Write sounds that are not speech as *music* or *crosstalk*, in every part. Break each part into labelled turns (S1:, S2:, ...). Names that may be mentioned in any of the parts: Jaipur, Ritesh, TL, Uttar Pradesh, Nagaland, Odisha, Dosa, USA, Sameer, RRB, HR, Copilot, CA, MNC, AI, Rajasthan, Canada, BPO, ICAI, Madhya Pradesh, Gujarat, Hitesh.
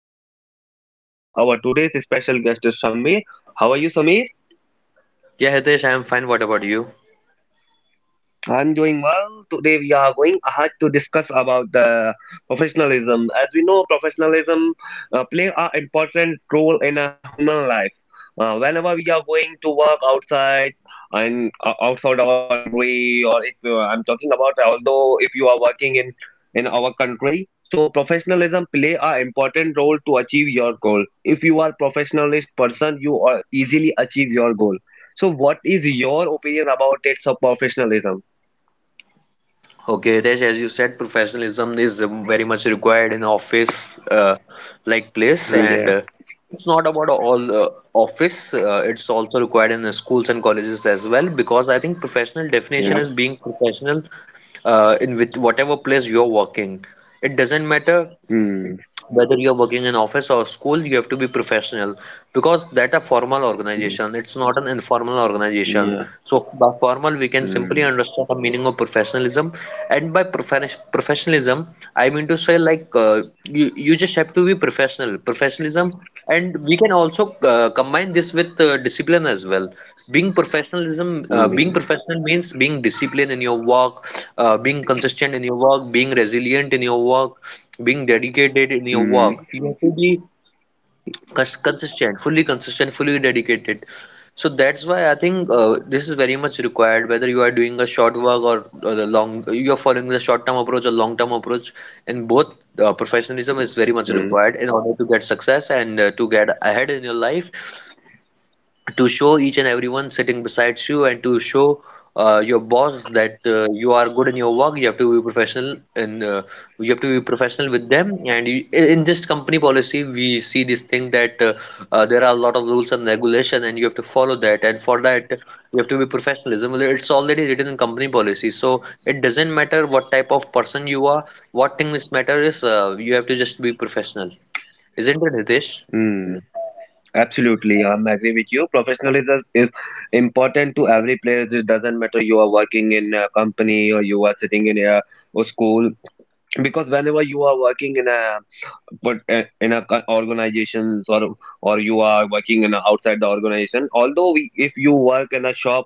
S1: And the host of this podcast. Our today's special guest is Sameer. How are you, Sameer?
S2: Yeah, Hitesh, I'm fine. What about you?
S1: I'm doing well. Today we are going ahead to discuss about the professionalism. As we know, professionalism play an important role in a human life. Whenever we are going to work outside and outside our country, or if I'm talking about, although if you are working in our country, so professionalism play an important role to achieve your goal. If you are professionalist person, you are easily achieve your goal. So, what is your opinion about it? So, professionalism.
S2: Okay, Hitesh, as you said, professionalism is very much required in office like place,
S1: Mm.
S2: and
S1: Yeah.
S2: it's not about all office. It's also required in the schools and colleges as well, because I think professional
S1: Yeah.
S2: definition
S1: Yeah.
S2: is being professional in with whatever place you're working. It doesn't matter
S1: Mm.
S2: whether you're working in office or school, you have to be professional because that a formal
S1: Mm.
S2: organization, it's not an informal organization.
S1: Yeah.
S2: So by formal we can
S1: Mm.
S2: simply understand the meaning of professionalism, and by professionalism I mean to say like you just have to be professional professionalism, and we can also combine this with discipline as well. Being professionalism,
S1: Mm.
S2: being
S1: Mm.
S2: professional means being disciplined in your work, being consistent in your work, being resilient in your work, being dedicated in your
S1: Mm.
S2: work. You have to be consistent, fully consistent, fully dedicated. So that's why I think this is very much required whether you are doing a short work, or a long, you are following the short term approach or long term approach. In both professionalism is very much
S1: Mm.
S2: required in order to get success and to get ahead in your life, to show each and everyone sitting besides you, and to show your boss that you are good in your work. You have to be professional, and you have to be professional with them, and you, in just company policy, we see this thing that there are a lot of rules and regulation and you have to follow that, and for that you have to be professionalism. Well, it's already written in company policy, so it doesn't matter what type of person you are, what things matter is you have to just be professional, isn't it, Hitesh?
S1: Mm. Absolutely, I'm agree with you. Professionalism is important to every player. It doesn't matter you are working in a company or you are sitting in a school because whenever you are working in a but in a organizations or you are working in a, outside the organization although we, if you work in a shop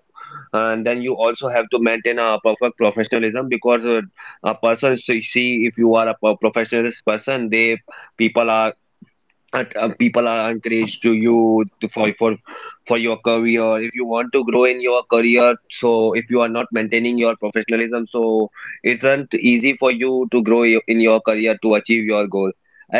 S1: and then you also have to maintain a perfect professionalism because a person see if you are a professional person they people are people are encouraged to you for for your career if you want to grow in your career so if you are not maintaining your professionalism so it isn't easy for you to grow in your career to achieve your goal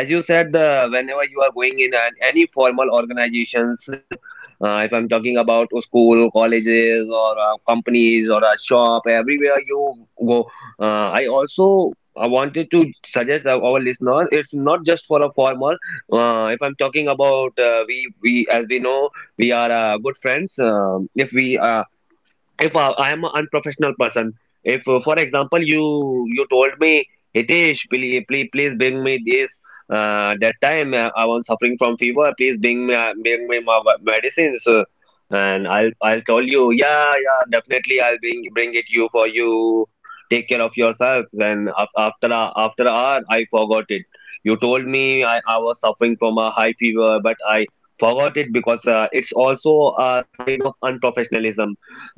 S1: as you said the whenever you are going in an, any formal organizations, if I'm talking about a school colleges or companies or a shop everywhere you go. I also I wanted to suggest our listeners it's not just for a formal. If I'm talking about we as we know we are good friends. If we if I am an unprofessional person, if for example you told me Hitesh, please please bring me this, that time I was suffering from fever. Please bring me my medicines, and I'll tell you yeah yeah definitely I'll bring it you for you. Take care of yourself. And after a, after a hour, I forgot it. You told me I was suffering from a high fever, but I forgot it because it's also a sign of unprofessionalism.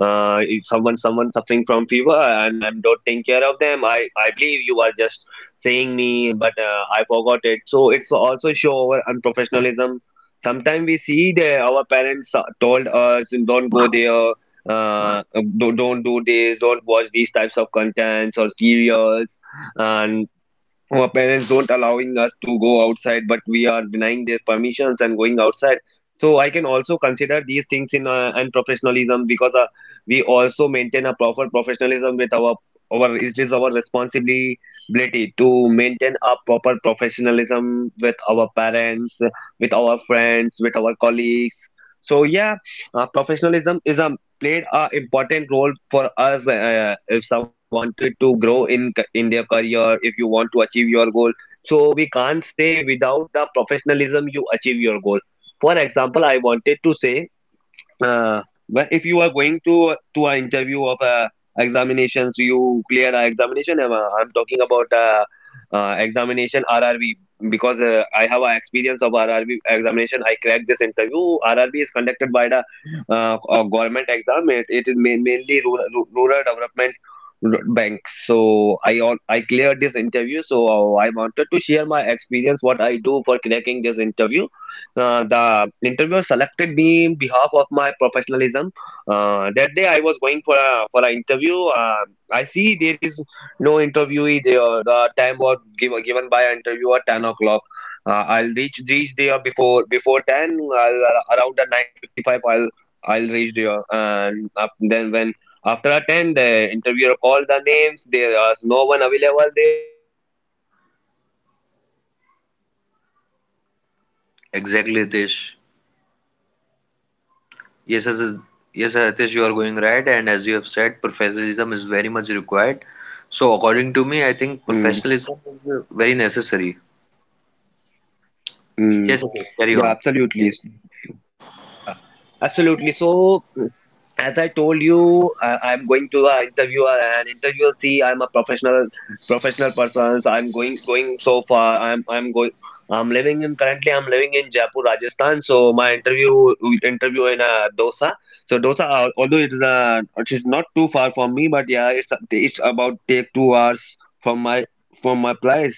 S1: If someone suffering from fever and I'm not taking care of them. I believe you are just saying me, but I forgot it. So it's also show our unprofessionalism. Sometimes we see that our parents told us don't go there. Uh, don't do this, don't watch these types of contents or serials, and our parents don't allowing us to go outside but we are denying their permissions and going outside, so I can also consider these things in and professionalism because we also maintain a proper professionalism with our, it is our responsibility to maintain a proper professionalism with our parents, with our friends, with our colleagues. So yeah, professionalism is a played a important role for us. If someone wanted to grow in in their career, if you want to achieve your goal, so we can't say without the professionalism you achieve your goal. For example, I wanted to say, uh, but if you are going to an interview of examinations, you clear an examination. I'm talking about examination RRB because I have an experience of RRB examination. I cracked this interview. RRB is conducted by the government exam. It is mainly rural, rural development bank. So I I cleared this interview. So I wanted to share my experience what I do for cracking this interview. The interviewer selected me in behalf of my professionalism. That day I was going for a for an interview. I see there is no interviewee there. The time was given by an interviewer 10 o'clock. I'll reach there before ten. Around the 9:55. I'll reach there and then when after a ten the interviewer called the names. There was no one available there, but I'm.
S2: Exactly, Hitesh. Yes, as yes, Hitesh, you are going right, and as you have said, professionalism is very much required. So, according to me, I
S1: Mm, yeah.
S2: think professionalism is very necessary.
S1: Mm,
S2: Yes, Hitesh, carry
S1: yeah,
S2: on.
S1: absolutely. Mm, yeah, absolutely. So, as I told you, I'm going to the interviewer and interviewer see I'm a professional person. So I'm going so far. I'm going. I'm living in currently. I'm living in Jaipur, Rajasthan. So my interview in Dosa. So Dosa, although it is not too far from me, but yeah, it's about take 2 hours from my from my place.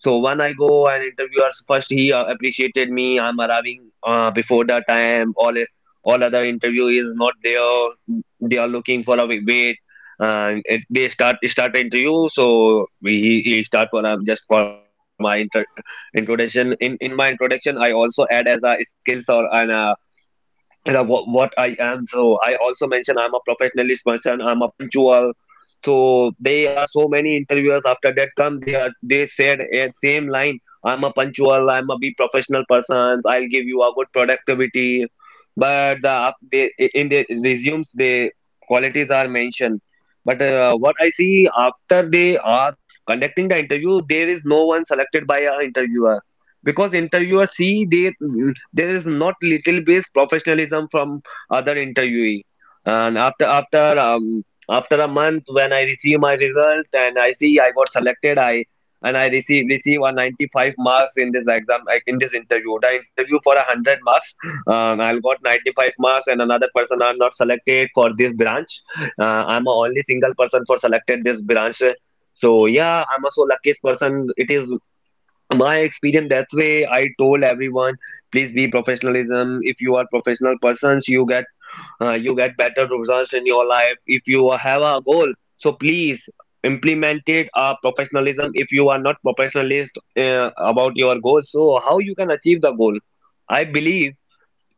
S1: So when I go and interviewers first he appreciated me. I'm arriving before the time. All other interview is not there. They are looking for a wait. And it, they start interview. So we he start for just for my introduction. In my introduction, I also add as a skills or an you know, what I am. So I also mentioned I'm a professionalist person. I'm a punctual. So they are so many interviewers after that come. They said a same line. I'm a punctual. I'm a be professional person. I'll give you a good productivity. But in the resumes, the qualities are mentioned. But what I see after they are conducting the interview, there is no one selected by a interviewer because interviewer see they there is not little bit professionalism from other interviewee. And after a month, when I receive my result and I see I got selected, I and I receive a 95 marks in this exam like in this interview. The interview for a 100 marks, I got 95 marks, and another person are not selected for this branch. I'm a only single person for selected this branch. So yeah, I'm a so luckiest person. It is my experience, that's way I told everyone please be professionalism, if you are professional persons you get better results in your life if you have a goal. So please implement it, professionalism. If you are not professionalist about your goal, so how you can achieve the goal? I believe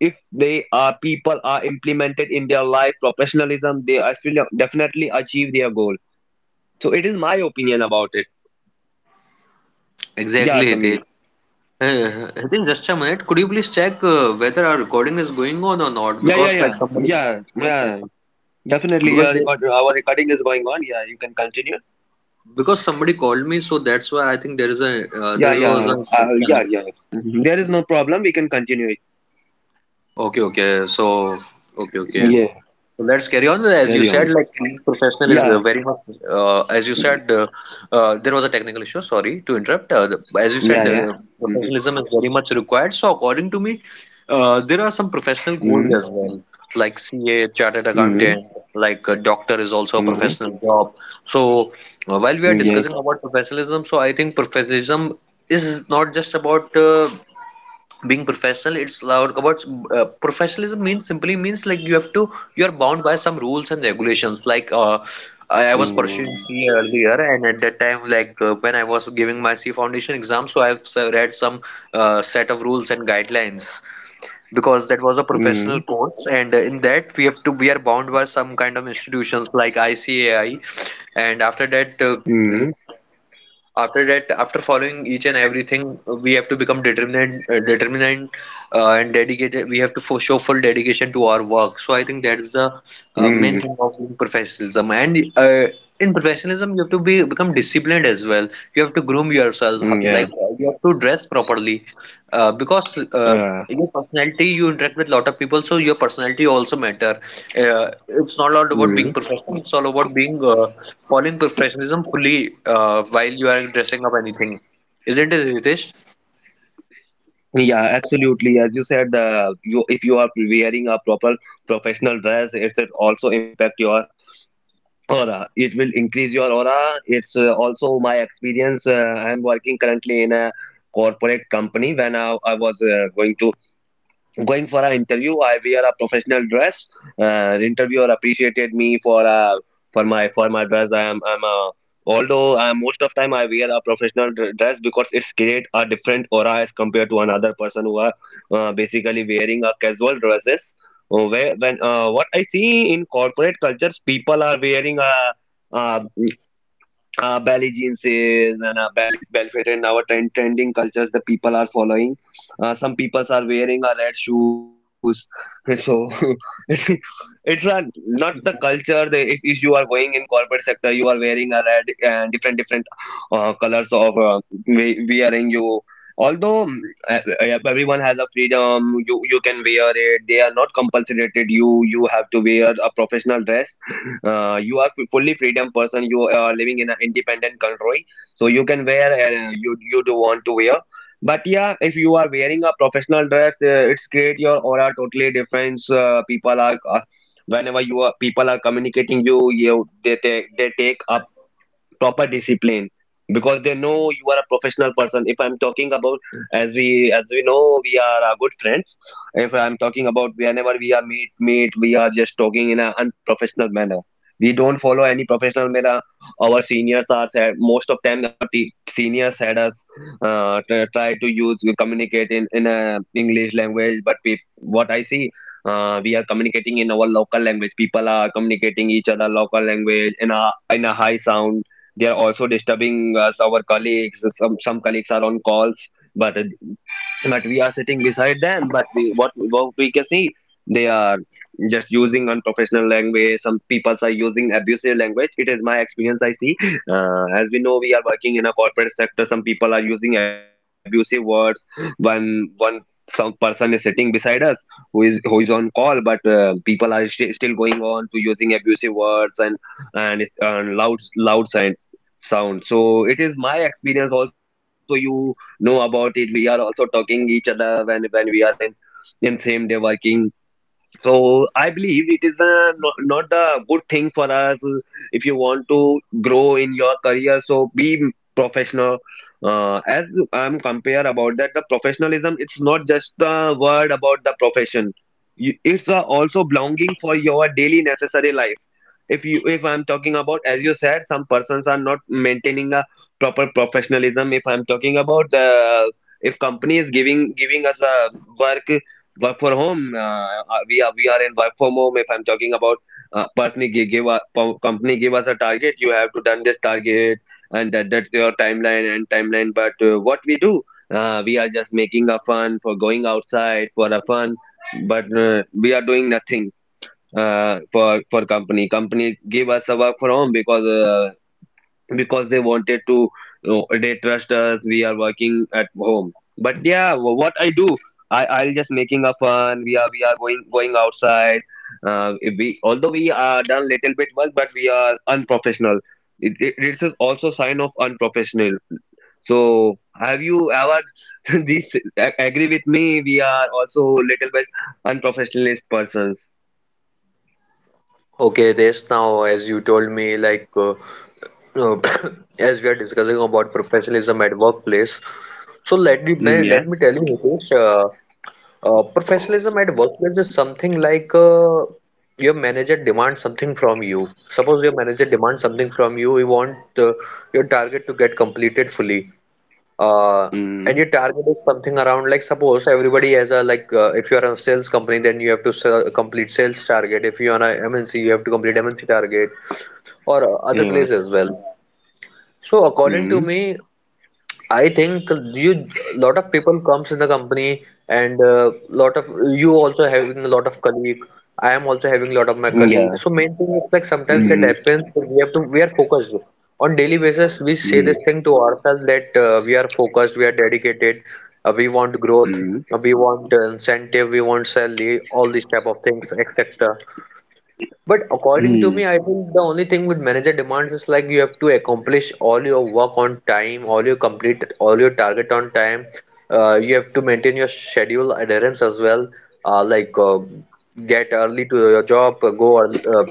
S1: if they are people are implemented in their life professionalism they are still definitely achieve their goal. So it is my opinion about it. Yeah,
S2: Exactly,
S1: Samir.
S2: Hitesh. *laughs* Hitesh, just a minute. Could you please check whether our recording is going on or not?
S1: Yeah, yeah,
S2: Because
S1: yeah.
S2: like somebody,
S1: Yeah. Yeah. Definitely,
S2: because
S1: yeah.
S2: they,
S1: Record, our recording is going on. Yeah, you can continue.
S2: because somebody called me, so that's why I think there is a there
S1: Yeah,
S2: was
S1: yeah,
S2: an
S1: yeah,
S2: interruption.
S1: yeah. Mhm. There is no problem. We can continue it.
S2: Okay, okay. So, okay, okay.
S1: Yeah,
S2: So let's carry on. As you
S1: carry
S2: said,
S1: on.
S2: like being professional is
S1: Yeah,
S2: very much, uh, as you said, uh, there was a technical issue. Sorry to interrupt. The- as you
S1: yeah,
S2: said,
S1: yeah. Mm-hmm.
S2: professionalism is very much required. So, according to me, there are some professional goals as well, like CA, chartered
S1: Mm-hmm.
S2: accountant, like a doctor is also
S1: Mm-hmm.
S2: a
S1: Mm-hmm.
S2: professional job. So, while we are
S1: Yeah.
S2: discussing about professionalism, so I think professionalism is not just about being professional, it's loud about professionalism means, simply means like you have to, you are bound by some rules and regulations like I was pursuing
S1: Mm-hmm.
S2: CA earlier, and at that time like when I was giving my C foundation exam, so I've read some set of rules and guidelines because that was a professional course, and in that we have to, we are bound by some kind of institutions like ICAI, and after that
S1: Mm-hmm.
S2: after following each and everything, we have to become determined, determined, and dedicated. We have to show full dedication to our work. So I think that's the
S1: Mm-hmm.
S2: main thing of being professionalism. And in professionalism, you have to be become disciplined as well. You have to groom yourself,
S1: Mm-hmm. Yeah.
S2: like you have to dress properly, because
S1: Uh,
S2: your personality, you interact with lot of people, so your personality also matter. It's not all about being
S1: mm
S2: professional. It's all about being following professionalism fully while you are dressing up anything, isn't it, Ritesh?
S1: Yeah, absolutely. As you said, you if you are wearing a proper professional dress, it should also impact your aura. It will increase your aura. It's also my experience. I'm working currently in a corporate company. When I was going to going for an interview, I wear a professional dress. The interviewer appreciated me for for my dress. I'm a although I most of time I wear a professional dress because it's create a different aura as compared to another person who are basically wearing a casual dresses. Where when what I see in corporate cultures, people are wearing a belly jeans is and belly fit and our trending cultures the people are following. Some people are wearing red shoes. *laughs* So *laughs* it's a, not the culture. The if you are going in corporate sector you are wearing a red and different colors of wearing you. Although everyone has a freedom, you can wear it, they are not compulsorated, you have wear a professional dress. You are fully freedom person, you are living in an independent country, so you can wear you do want to wear. But yeah, if you are wearing a professional dress, it's great, your aura totally different. People are whenever you are people are communicating you, they take a proper discipline because they know you are a professional person. If I'm talking about, as we know we are good friends, if I'm talking about, whenever we are meet we are just talking in an unprofessional manner, we don't follow any professional manner. Our seniors are said most of time our seniors had us try to use communicate in a english language, but we, what I see, we are communicating in our local language, people are communicating each other local language in a high sound. They are also disturbing us, our colleagues. Some colleagues are on calls, but but we are sitting beside them but we, what we can see they are just using unprofessional language. Some people are using abusive language, it is my experience, I see. As we know, we are working in a corporate sector. Some people are using abusive words. One one Some person is sitting beside us who is on call, but people are still going on to using abusive words and loud sound. So it is my experience. Also, you know about it. We are also talking each other when we are in same day working. So I believe it is a, not a good thing for us if you want to grow in your career. So be professional. As I'm compare about that, the professionalism, it's not just the word about the profession. You, it's a also belonging for your daily necessary life. If I'm talking about, as you said, some persons are not maintaining a proper professionalism. If I'm talking about the, if company is giving us a work work for home. We are in work from home. If I'm talking about, company give us a target, you have to done this target, and that's your timeline and timeline. But what we do, we are just making a fun for going outside for a fun, but we are doing nothing for company. Company give us a work from home because. Because they wanted to, they trust us, we are working at home, but yeah, what I do, I'll just making a fun. We are going outside. If we Although we are done little bit work, but we are unprofessional. It's also sign of unprofessional. So have you ever *laughs* this agree with me, we are also little bit unprofessionalist persons?
S2: Okay, Ritesh. Now, as you told me, like uh, *coughs* as we are discussing about professionalism at workplace, so let me
S1: Mm, yeah.
S2: let me tell you, Ritesh. Professionalism at workplace is something like your manager demands something from you. Suppose your manager demands something from you. You want your target to get completed fully. Uh, and
S1: Mm,
S2: your target is something around like, suppose everybody has a, like if you are a sales company, then you have to sell, complete sales target. If you are an MNC, you have to complete MNC target, or other
S1: yeah.
S2: place as well. So according to
S1: Mm,
S2: me, I think you, lot of people comes in the company, and lot of, you also having a lot of colleague. I am also having a lot of my
S1: yeah.
S2: colleagues. So main thing is, like sometimes it
S1: Mm.
S2: happens. We have to We are focused on daily basis. We
S1: Mm-hmm.
S2: say this
S1: Mm.
S2: thing to ourselves that we are focused, we are dedicated, we want growth,
S1: Mm.
S2: we want incentive, we want salary, all these type of things, etc. But according to
S1: Mm,
S2: me, I think the only thing with manager demands is, like you have to accomplish all your work on time, all your complete, all your target on time. You have to maintain your schedule adherence as well. Uh, like uh, get early to your job, go early,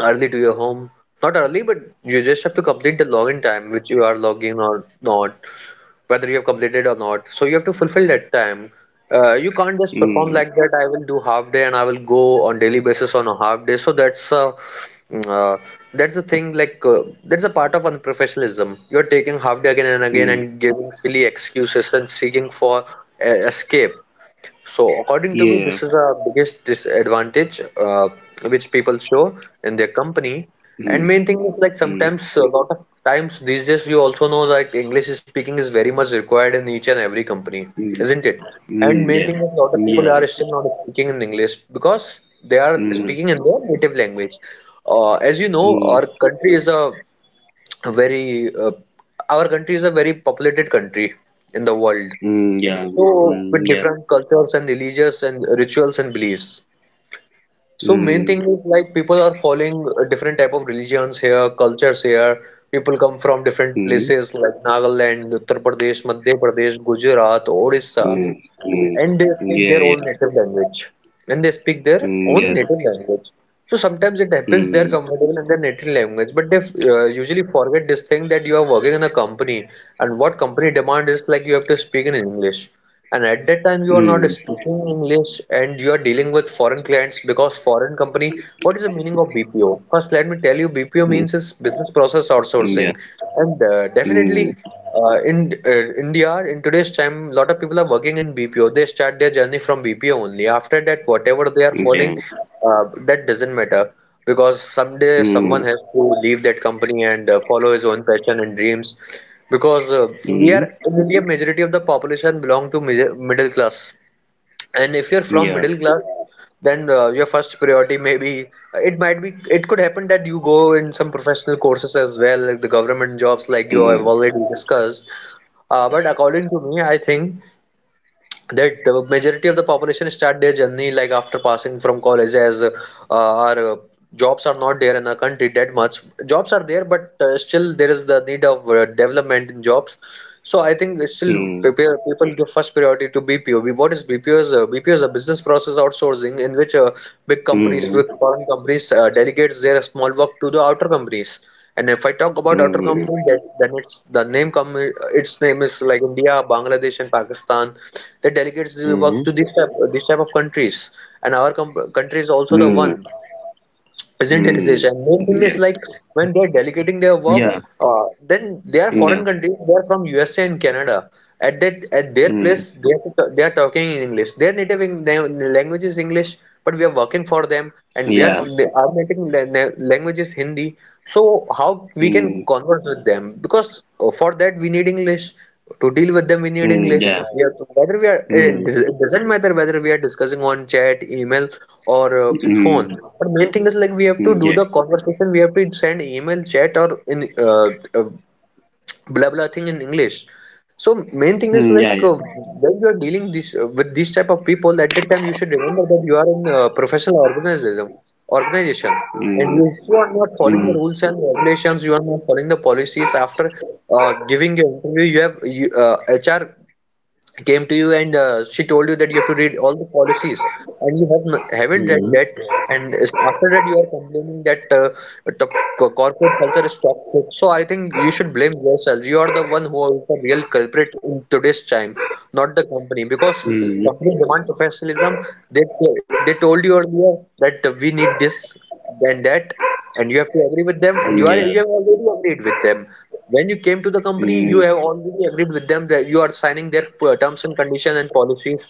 S2: early to your home. Not early, but you just have to complete the login time, which you are logging or not, whether you have completed or not. So you have to fulfill that time. You can't just perform
S1: mm,
S2: like that. I will do half day and I will go on daily basis on a half day. So uh, that's a thing like that's a part of unprofessionalism. You're taking half day again and again
S1: mm,
S2: and giving silly excuses and seeking for escape. So, according to me,
S1: yeah,
S2: this is the biggest disadvantage which people show in their company.
S1: mm,
S2: And main thing is, like
S1: mm,
S2: sometimes a lot of times these days, you also know, like English speaking is very much required in each and every company,
S1: mm,
S2: isn't it? And
S1: mm,
S2: main
S1: yeah,
S2: thing is, a lot of people
S1: yeah,
S2: are still not speaking in English because they are
S1: mm,
S2: speaking in their native language. As you know,
S1: mm,
S2: our country is a very our country is a very populated country in the world,
S1: mm, yeah,
S2: so
S1: mm,
S2: with
S1: yeah,
S2: different cultures and religious and rituals and beliefs. So main
S1: mm,
S2: thing is, like people are following different type of religions here, cultures here. People come from different
S1: mm,
S2: places like Nagaland, Uttar Pradesh, Madhya Pradesh, Gujarat, Odisha,
S1: mm, mm,
S2: and they speak
S1: yeah,
S2: their
S1: yeah,
S2: own native language, and they speak their
S1: mm,
S2: own
S1: yes,
S2: native language. So sometimes it happens, they are
S1: mm,
S2: comfortable in their native language, but they usually forget this thing that you are working in a company, and what company demand is, like you have to speak in English, and at that time you are not
S1: mm,
S2: speaking English, and you are dealing with foreign clients because foreign company, what is the meaning of BPO? First let me tell you, BPO means is business process
S1: mm,
S2: outsourcing.
S1: yeah,
S2: And
S1: mm,
S2: definitely, in India, in today's time, lot of people are working in BPO. They start their journey from BPO only. After that, whatever they are following,
S1: yeah,
S2: uh, that doesn't matter because someday
S1: mm,
S2: someone has to leave that company and follow his own passion and dreams. Because we
S1: mm,
S2: are in India, majority of the population belong to major, middle class, and if you're from
S1: yeah,
S2: middle class, then your first priority, maybe, it might be, it could happen that you go in some professional courses as well, like the government jobs, like you have
S1: mm,
S2: already discussed. But according to me, I think that the majority of the population start their journey like after passing from college, as our jobs are not there in our country that much, jobs are there, but still there is the need of development in jobs. So I think it's still,
S1: mm,
S2: people give first priority to BPO. What is BPO is, BPO is a business process outsourcing, in which big companies,
S1: mm,
S2: big foreign companies delegates their small work to the outer companies, and if I talk about outer
S1: mm,
S2: company, that, then it's the name come, its name is like India, Bangladesh, and Pakistan. They delegates the work to this type of countries, and our com country is also the
S1: mm, mm,
S2: one, isn't it, Hitesh?
S1: mm,
S2: And main thing is,
S1: yeah,
S2: like when they're delegating their work,
S1: yeah,
S2: then they are foreign
S1: yeah,
S2: countries. They are from USA and Canada. At that, at their place,
S1: mm,
S2: they are, they are talking in English. Their native in, their language is English, but we are working for them, and
S1: yeah,
S2: our language is Hindi. So how we can
S1: mm,
S2: converse with them? Because for that we need English to deal with them we need
S1: mm,
S2: english
S1: yeah.
S2: we have to, whether we are it
S1: Mm.
S2: it doesn't matter whether we are discussing on chat email or phone
S1: Mm,
S2: but main thing is like we have to
S1: mm,
S2: do
S1: yeah.
S2: the conversation we have to send email chat or in uh, blah blah thing in English. So main thing is
S1: Mm,
S2: like
S1: yeah, yeah.
S2: when you are dealing this with these type of people at that time you should remember that you are in a professional organism organization, and
S1: Mm,
S2: if you are not following the
S1: mm,
S2: rules and regulations, you are not following the policies. After giving your interview, HR came to you and she told you that you have to read all the policies, and you have n haven't read
S1: mm,
S2: that, and after that you are complaining that the corporate culture is toxic. So I think you should blame yourself. You are the one who is the real culprit in today's time, not the company, because
S1: mm,
S2: company demand professionalism. They they told you earlier that we need this and that, and you have to agree with them, and
S1: mm, yeah.
S2: you have already agreed with them. When you came to the company, you
S1: Mm,
S2: have already agreed with them that you are signing their terms and conditions and policies,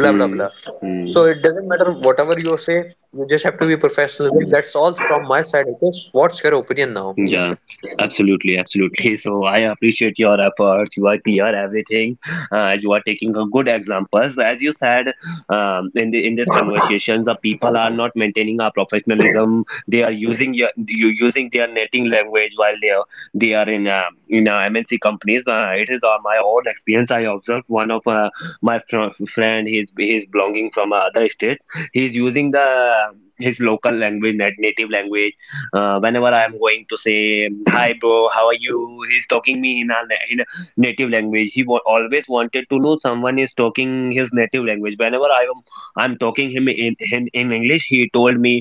S2: blah blah blah.
S1: mm,
S2: So it doesn't matter whatever you say, you just have to be professionalism.
S1: mm.
S2: That's all from my side, okay? What's your opinion now?
S1: Yeah, absolutely, absolutely. So I appreciate your efforts. You are clear everything. You are taking a good examples. As you said, in this conversation, the people are not maintaining our professionalism. They are using your you using their native language while they are in MNC companies. It is my own experience. I observed one of friend. He's belonging from other state. He's using the his local language, native language. Whenever I am going to say, "Hi, bro, how are you?" He's talking me in a native language. He always wanted to know someone is talking his native language. Whenever I'm talking him in, in English, he told me,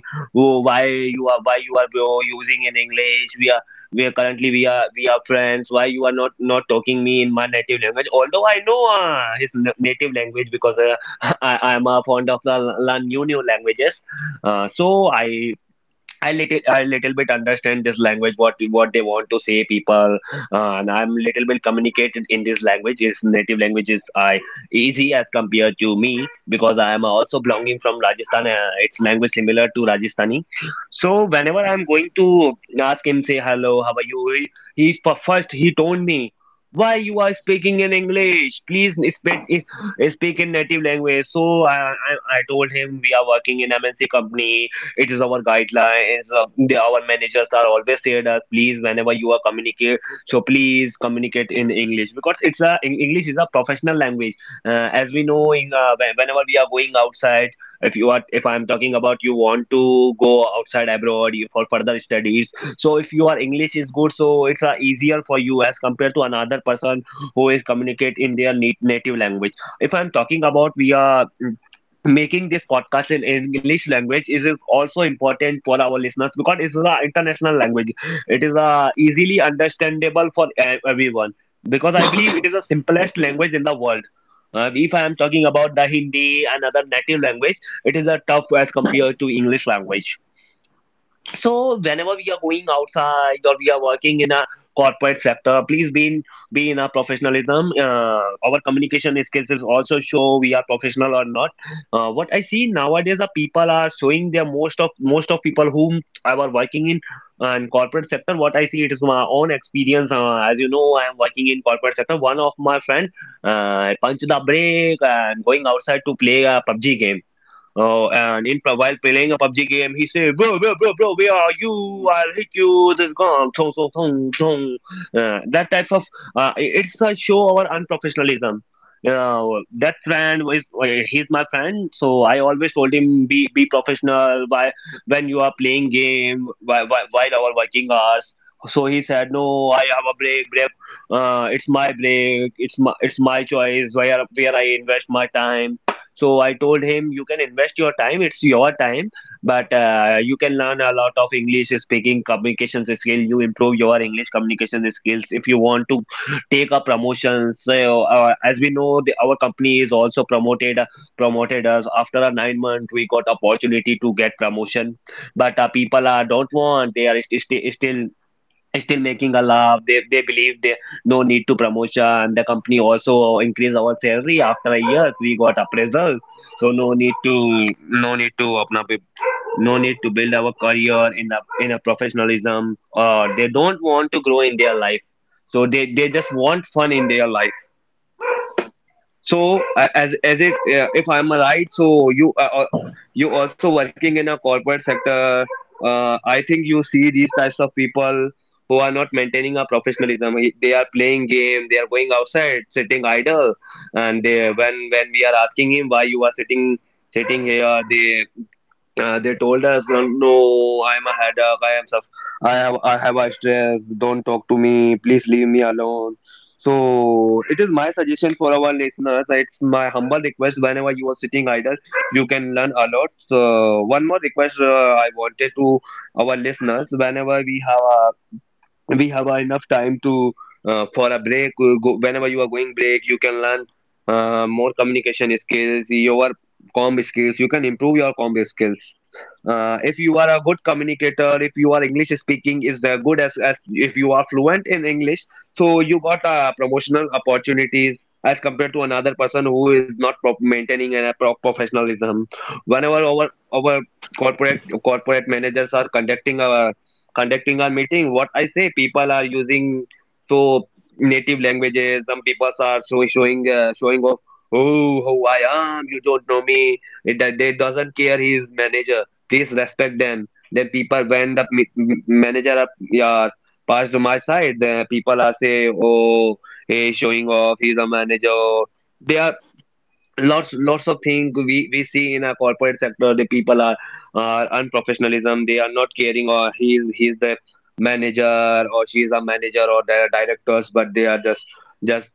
S1: "Oh, why you are bro using in English? We are." We are currently we are friends. Why you are not talking me in my native language? Although I know his native language because *laughs* I am fond of the la, la new languages. So I I little bit understand this language, what they want to say, people, and I'm little bit communicated in this language is native language is I easy as compared to me because I am also belonging from Rajasthan. It's language similar to Rajasthani. So whenever I'm going to ask him, say hello, how are you, he first he told me, "Why you are speaking in English? Please speak in native language." So I I, I told him we are working in MNC company, it is our guidelines. Our managers are always said us, please, whenever you are communicate, so please communicate in English because English is a professional language. As we know, whenever we are going outside, if you are, if I am talking about, you want to go outside abroad, for further studies, so if your English is good, so it's easier for you as compared to another person who is communicate in their native language. If I'm talking about, we are making this podcast in English, language is also important for our listeners because it is an international language. It is easily understandable for everyone because I believe it is the simplest language in the world. If I am talking about the Hindi and other native language, it is a tough as compared to English language. So whenever we are going outside or we are working in a corporate sector, please be in a professionalism. Our communication skills is also show we are professional or not. What I see nowadays, the people are showing their, most of people whom I were working in and corporate sector, what I see, it is my own experience. As you know, I am working in corporate sector. One of my friend punched the break and going outside to play a PUBG game. Oh, and in while playing a PUBG game, he said, "Bro, bro, bro, bro, where are you? I'll hit you. This gone, thong, thong, thong, thong." That type of it's a show our unprofessionalism. Uh, that friend is he's my friend, so I always told him, be professional. Why, when you are playing game, while our working hours. So he said, "No, I have a break, break. It's my break. It's my choice, where I invest my time." So I told him, "You can invest your time, it's your time, but you can learn a lot of English speaking communications skill. You improve your English communication skills if you want to take a promotion." So as we know, our company is also promoted us. After a 9 month, we got opportunity to get promotion, but people are don't want. They are still making a laugh. They believe they no need to promotion. The company also increased our salary after a year. We got appraisal, so no need to अपना पे- no need to build our career in a professionalism. They don't want to grow in their life, so they just want fun in their life. So as it, if I'm right, so you, you also working in a corporate sector. I think you see these types of people who are not maintaining a professionalism. They are playing game. They are going outside, sitting idle. And they, when we are asking him, "Why you are sitting here?", they. They told us, "No, no, I'm a headache. I am I have a stress. Don't talk to me. Please leave me alone." So it is my suggestion for our listeners. It's my humble request. Whenever you are sitting idle, you can learn a lot. So one more request, I wanted to our listeners. Whenever we have a we have enough time to for a break, go, whenever you are going break you can learn more communication skills your comb skills. You can improve your comb skills. If you are a good communicator, if you are english speaking is the good as if you are fluent in english, so you got promotional opportunities as compared to another person who is not pro- maintaining a pro- professionalism whenever our corporate corporate managers are conducting a conducting our meeting. What I say, people are using so native languages. Some people are so showing showing off, oh how I am, you don't know me, it, that they doesn't care his manager. Please respect them. Then people, when the m- m- manager up, yeah, passed to my side, the people are say, oh, he's showing off, he's a manager. They are lots of things we see in a corporate sector. The people are unprofessionalism. They are not caring or he's the manager or she's a manager or the directors, but they are just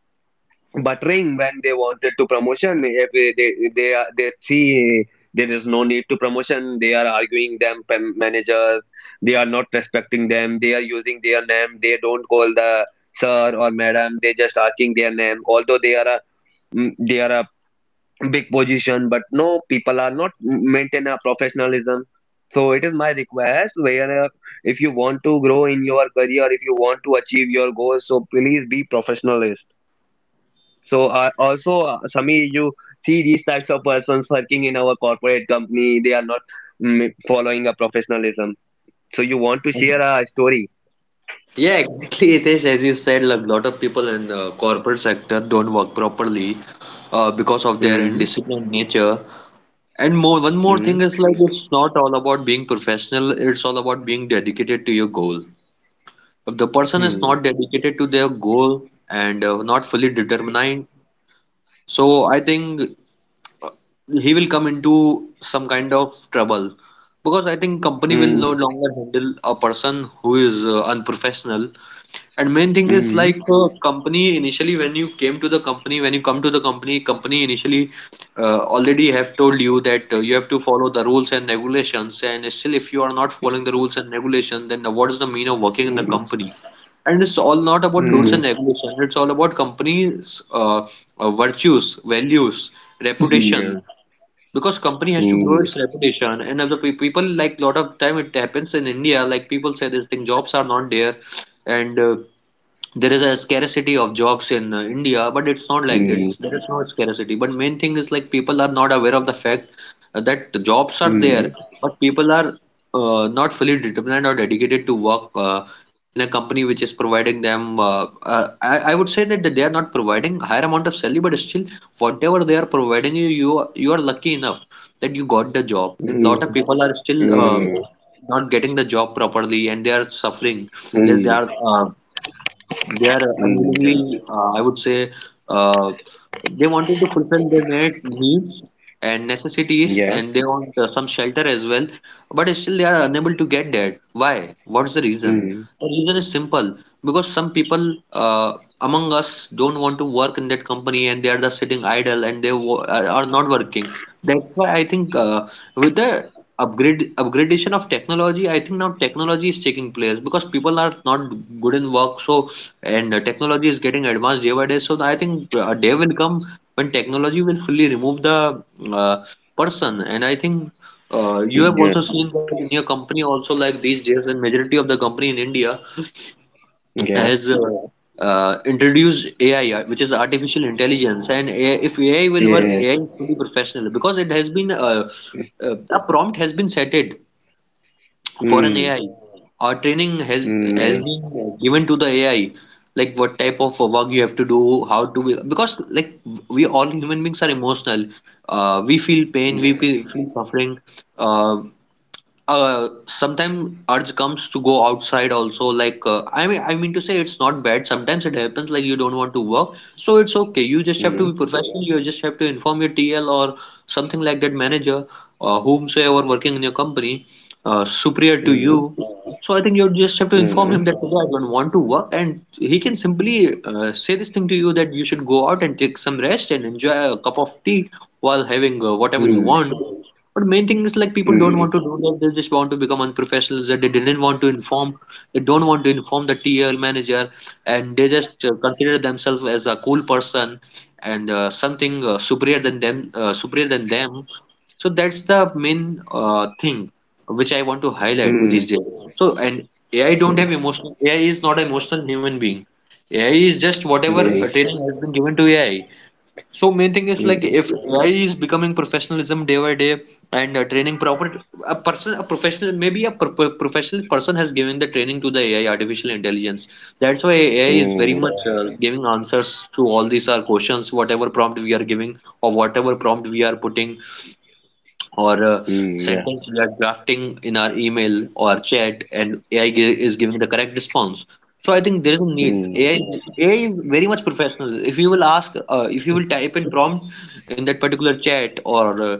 S1: buttering when they wanted to promotion. If they see there is no need to promotion, they are arguing them pam- managers. They are not respecting them. They are using their name. They don't call the sir or madam. They just asking their name, although they are a they are a big position. But no, people are not maintain a professionalism. So it is my request, where if you want to grow in your career, if you want to achieve your goals, so please be professionalist. So also Sami, you see these types of persons working in our corporate company. They are not following a professionalism. So you want to share a story.
S2: Yeah, exactly, Hitesh. As you said, like, lot of people in the corporate sector don't work properly because of their
S1: Mm.
S2: indisciplined nature. And more, one more
S1: Mm.
S2: thing is like it's not all about being professional, it's all about being dedicated to your goal. If the person is
S1: Mm.
S2: not dedicated to their goal and not fully determined, so I think uh, he will come into some kind of trouble, because I think company will no
S1: Mm.
S2: longer handle a person who is unprofessional. And main thing is
S1: Mm.
S2: like company initially when you came to the company when you come to the company, company initially already have told you that you have to follow the rules and regulations, and still if you are not following the rules and regulation, then what is the mean of working in the
S1: Mm.
S2: company? And it's all not about rules
S1: Mm,
S2: and regulations. It's all about company's virtues, values,
S1: yeah.
S2: reputation. Because company has to grow
S1: mm,
S2: its reputation, and as the people, like lot of time it happens in India, like people say this thing, jobs are not there, and there is a scarcity of jobs in India, but it's not like
S1: mm,
S2: that. There is no scarcity. But main thing is like people are not aware of the fact that the jobs are
S1: mm.
S2: there, but people are not fully determined or dedicated to work in a company which is providing them. I would say that they are not providing higher amount of salary, but still whatever they are providing you, you are lucky enough that you got the job. Lot of
S1: Mm.
S2: people are still
S1: Mm.
S2: not getting the job properly, and they are suffering. They, they
S1: Mm.
S2: are. Uh, they are
S1: Mm, yeah.
S2: unwillingly, I would say, uh, they wanted to fulfill their needs and necessities,
S1: Yeah.
S2: and they want some shelter as well. But still, they are unable to get that. Why? What's the reason?
S1: Mm,
S2: The reason is simple, because some people among us don't want to work in that company, and they are just sitting idle and they are not working. That's why I think with the upgrade upgradation of technology, I think now technology is taking place because people are not good in work, so and technology is getting advanced day by day. So I think a day will come when technology will fully remove the uh, person. And I think you have
S1: yeah.
S2: also seen that in your company also, like these days, and majority of the company in India
S1: Yeah,
S2: has introduced AI, which is artificial intelligence. And AI, if AI will work,
S1: yeah.
S2: AI is fully professional because it has been a prompt has been set it for an
S1: Mm.
S2: AI. Our training has
S1: Mm,
S2: has
S1: yeah.
S2: been given to the AI, like what type of work you have to do, how to, because like we all human beings are emotional. We feel pain, we
S1: Yeah.
S2: feel suffering. Uh, uh, sometimes urge comes to go outside also, like I mean to say it's not bad. Sometimes it happens like you don't want to work, so it's okay. You just have to
S1: Mm.
S2: be professional. You just have to inform your TL or something like that, manager, whomsoever working in your company superior to you.
S1: Mm.
S2: So I think you just have to inform
S1: Mm.
S2: him that today I don't want to work, and he can simply say this thing to you that you should go out and take some rest and enjoy a cup of tea while having whatever you want. But main thing is like people
S1: Mm.
S2: don't
S1: Mm.
S2: want to do that. They just want to become unprofessionals. That they didn't want to inform. They don't want to inform the TL manager, and they just consider themselves as a cool person and something superior than them. So that's the main thing which I want to
S1: Mm.
S2: highlight
S1: Mm,
S2: these days. So and AI don't have emotional. AI is not an emotional human being. AI is just whatever
S1: yeah.
S2: training has been given to AI. So main thing is
S1: Mm.
S2: like if
S1: Mm.
S2: AI is becoming professionalism day by day, and training proper, a person, a professional, maybe a professional person has given the training to the AI, artificial intelligence. That's why AI is very much giving answers to all these our questions, whatever prompt we are giving or whatever prompt we are putting or a
S1: Mm, yeah.
S2: sentence we are drafting in our email or chat, and is giving the correct response. So I think there is a need. AI is very much professional. If you will ask, if you will type in prompt in that particular chat or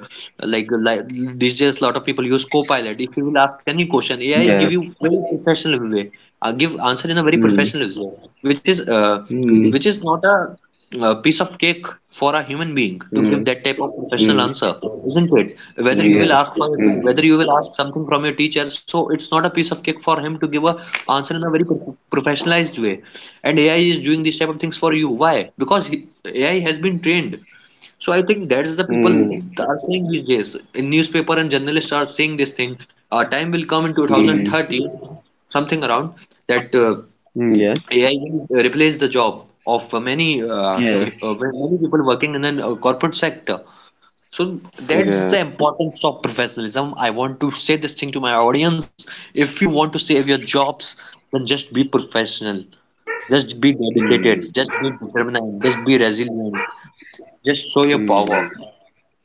S2: like these days, lot of people use Copilot. If you will ask any question, AI give you very professional way, give answer in a very
S1: Mm, yeah.
S2: professional way, which is not a a piece of cake for a human being to give
S1: Mm.
S2: that type of professional
S1: Mm.
S2: answer, isn't it?
S1: Mm.
S2: Whether
S1: Mm,
S2: you will
S1: yeah.
S2: ask for
S1: Mm.
S2: whether you will ask something from your teacher, so it's not a piece of cake for him to give a answer in a very professionalized way. And AI is doing these type of things for you. Why? Because he, AI has been trained. So I think that's the people that are saying these days. In newspaper and journalists are saying this thing. Time will come in
S1: Mm. Mm,
S2: 2030, something around that.
S1: yeah.
S2: AI will replace the job of
S1: Yeah,
S2: many people working in the corporate sector. So that's
S1: yeah.
S2: the importance of professionalism. I want to say this thing to my audience. If you want to save your jobs, then just be professional. Just be dedicated. Just be determined. Just be resilient. Just show your
S1: Mm.
S2: power.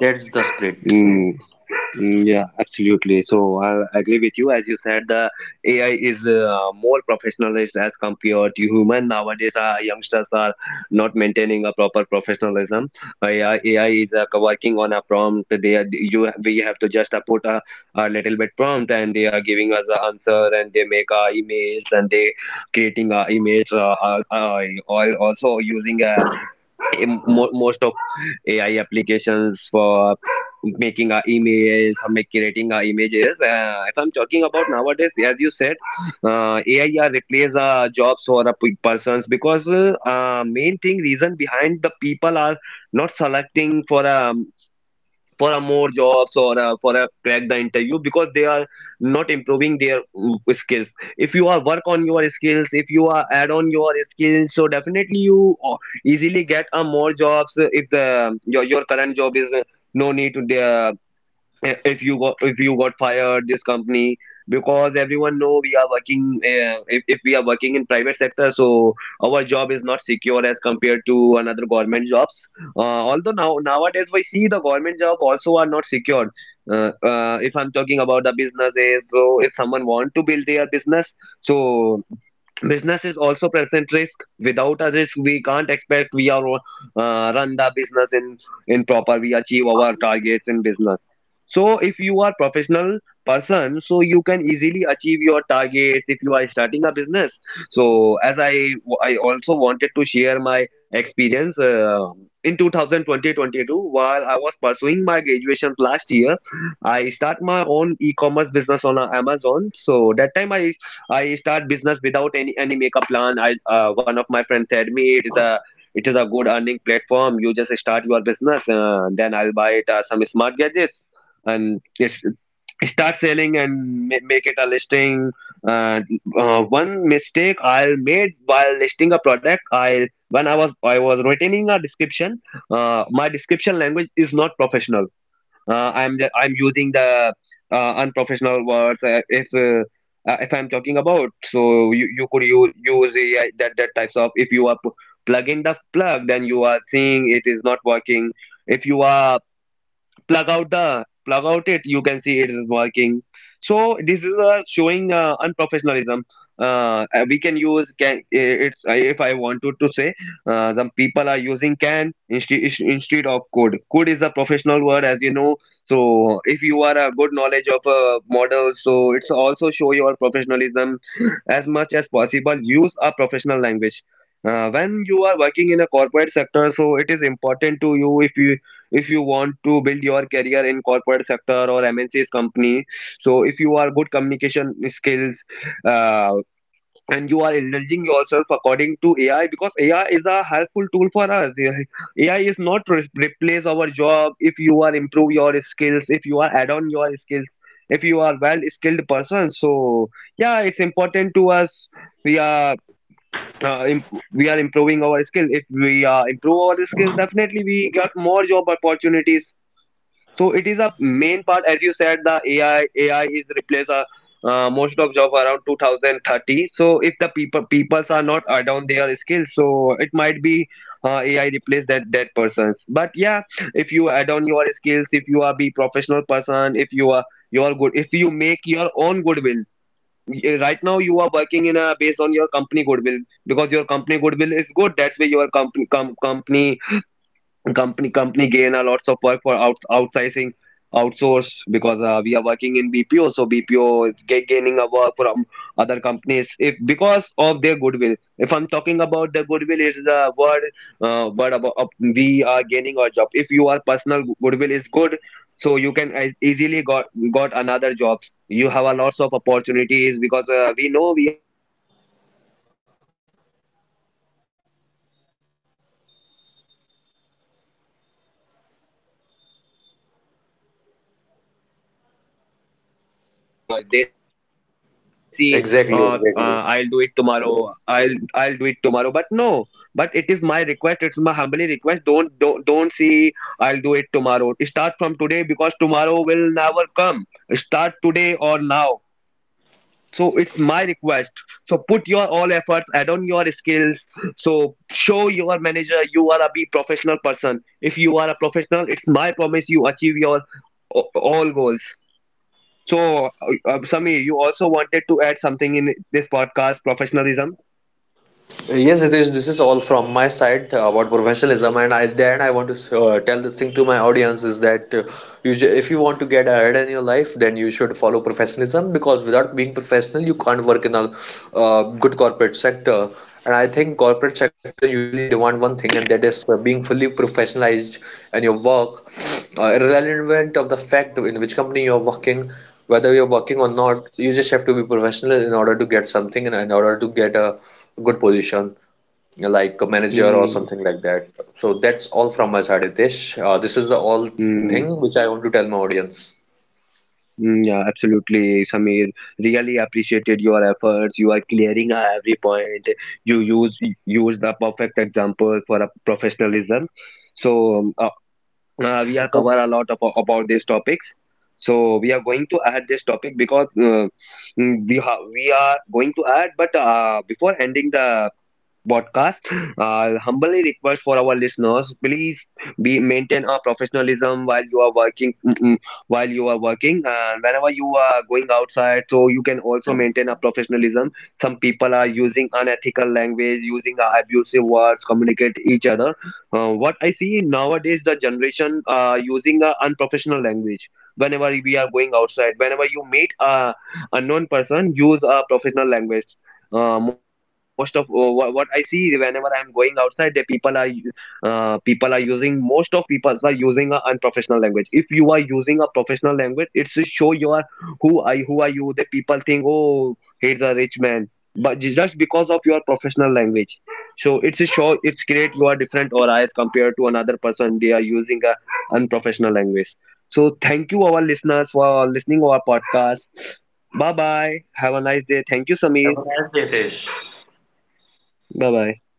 S2: That's the spirit.
S1: Mm. Mm, yeah, absolutely. So I agree with you. As you said, the AI is more professionalist as compared to human. Nowadays, youngsters are not maintaining a proper professionalism. AI is working on a prompt. They are, you we have to just put a little bit prompt, and they are giving us the answer, and they make emails, and they creating emails. Al- also using a em- mo- most of AI applications for making our emails or make creating our images. If I'm talking about nowadays, as you said, AI are replace jobs for the pe- persons, because main thing reason behind the people are not selecting for a more jobs or for a crack the interview, because they are not improving their skills. If you are work on your skills, if you are add on your skills, so definitely you easily get a more jobs. If the your current job is no need to the I- if you got, if you got fired this company, because everyone know we are working. If we are working in private sector, so our job is not secure as compared to another government jobs. Although now nowadays we see the government job also are not secured. If I'm talking about the businesses, so if someone want to build their business, so business is also present risk. Without a risk we can't expect we are run the business in proper, we achieve our targets in business. So if you are professional person, so you can easily achieve your targets if you are starting a business. So as I also wanted to share my experience in two thousand twenty twenty two. While I was pursuing my graduations last year, I start my own e-commerce business on amazon. So that time I start business without any makeup plan. I one of my friends said me it is a good earning platform. You just start your business, then I'll buy it some smart gadgets and it's start selling and ma- make it a listing. uh, One mistake I made while listing a product, I when I was writing a description, my description language is not professional. I'm ju- I'm using the unprofessional words. If if I'm talking about, so you could use, use the, that types of if you are p- plug in the plug, then you are seeing it is not working. If you are plug out the plug out it, you can see it is working. So this is showing unprofessionalism. We can use can. It's if I wanted to say, some people are using can instead instead of could. Could is a professional word, as you know. So if you are a good knowledge of a model, so it's also show your professionalism. As much as possible, use a professional language when you are working in a corporate sector. So it is important to you if you if you want to build your career in corporate sector or mncs company. So if you are good communication skills uh, and you are indulging yourself according to AI, because AI is a helpful tool for us. AI is not re- replace our job if you are improve your skills, if you are add on your skills, if you are well skilled person. So yeah, it's important to us, we are imp- we are improving our skill. If we improve our skills, definitely we got more job opportunities. So it is a main part, as you said, the AI is replace a most of job around 2030. So if the people peoples are not around their skills, so it might be AI replace that persons. But yeah, if you add on your skills, if you are be professional person, if you are you are good, if you make your own goodwill. Y- Right now, you are working in a based on your company goodwill, because your company goodwill is good. That's why your company com- company gain a lots of work for out, outsourcing outsource, because we are working in bpo. So bpo is ga- gaining a work from other companies, if because of their goodwill. If I'm talking about the goodwill is the word word about we are gaining our job if your personal goodwill is good, so you can as- easily got another jobs. You have a lots of opportunities, because we know we are although we are living desi uh,
S2: Exactly,
S1: I'll do it
S2: exactly.
S1: tomorrow, i'll do it tomorrow, but no, but it is my request, it's my humbly request, don't see I'll do it tomorrow. Start from today, because tomorrow will never come. Start today or now. So it's my request. So put your all efforts, add on your skills, so show your manager you are a be professional person. If you are a professional, it's my promise you achieve your a- all goals. So, you also wanted to add something in this podcast, professionalism?
S2: Yes, it is. This is all from my side about professionalism, and I then I want to tell this thing to my audience is that if you want to get ahead in your life, then you should follow professionalism, because without being professional, you can't work in a good corporate sector. And I think corporate sector usually demand one thing, and that is being fully professionalized in your work, irrelevant of the fact in which company you're working, whether you're working or not. You just have to be professional in order to get something and in order to get a good position, like a manager or
S1: Mm.
S2: something like that. So that's all from my side, Hitesh. This is the all
S1: Mm.
S2: thing which I want to tell my audience.
S1: Mm, yeah, absolutely, Samir. Really appreciated your efforts. You are clearing every point. You use the perfect example for a professionalism. So, we are cover a lot about these topics. So, we are going to add this topic, because we ha- we are going to add. But before ending the podcast, I humbly request for our listeners, please be maintain a professionalism while you are working. While you are working, and whenever you are going outside, so you can also maintain a professionalism. Some people are using unethical language, using abusive words, communicate each other. What I see nowadays, the generation using unprofessional language. Whenever we are going outside, whenever you meet a unknown person, use a professional language. Most of what I see, whenever I'm going outside, the people are u- people are using, most of people are using a unprofessional language. If you are using a professional language, it's a show you are who I who are you. The people think, oh he's a rich man, but ju- just because of your professional language. So it's a show it's great you are different or as compared to another person. They are using a unprofessional language. So thank you our listeners for listening our podcast. Bye bye, have a nice day. Thank you, Samir.
S2: Have a nice day, Hitesh.
S1: Bye bye.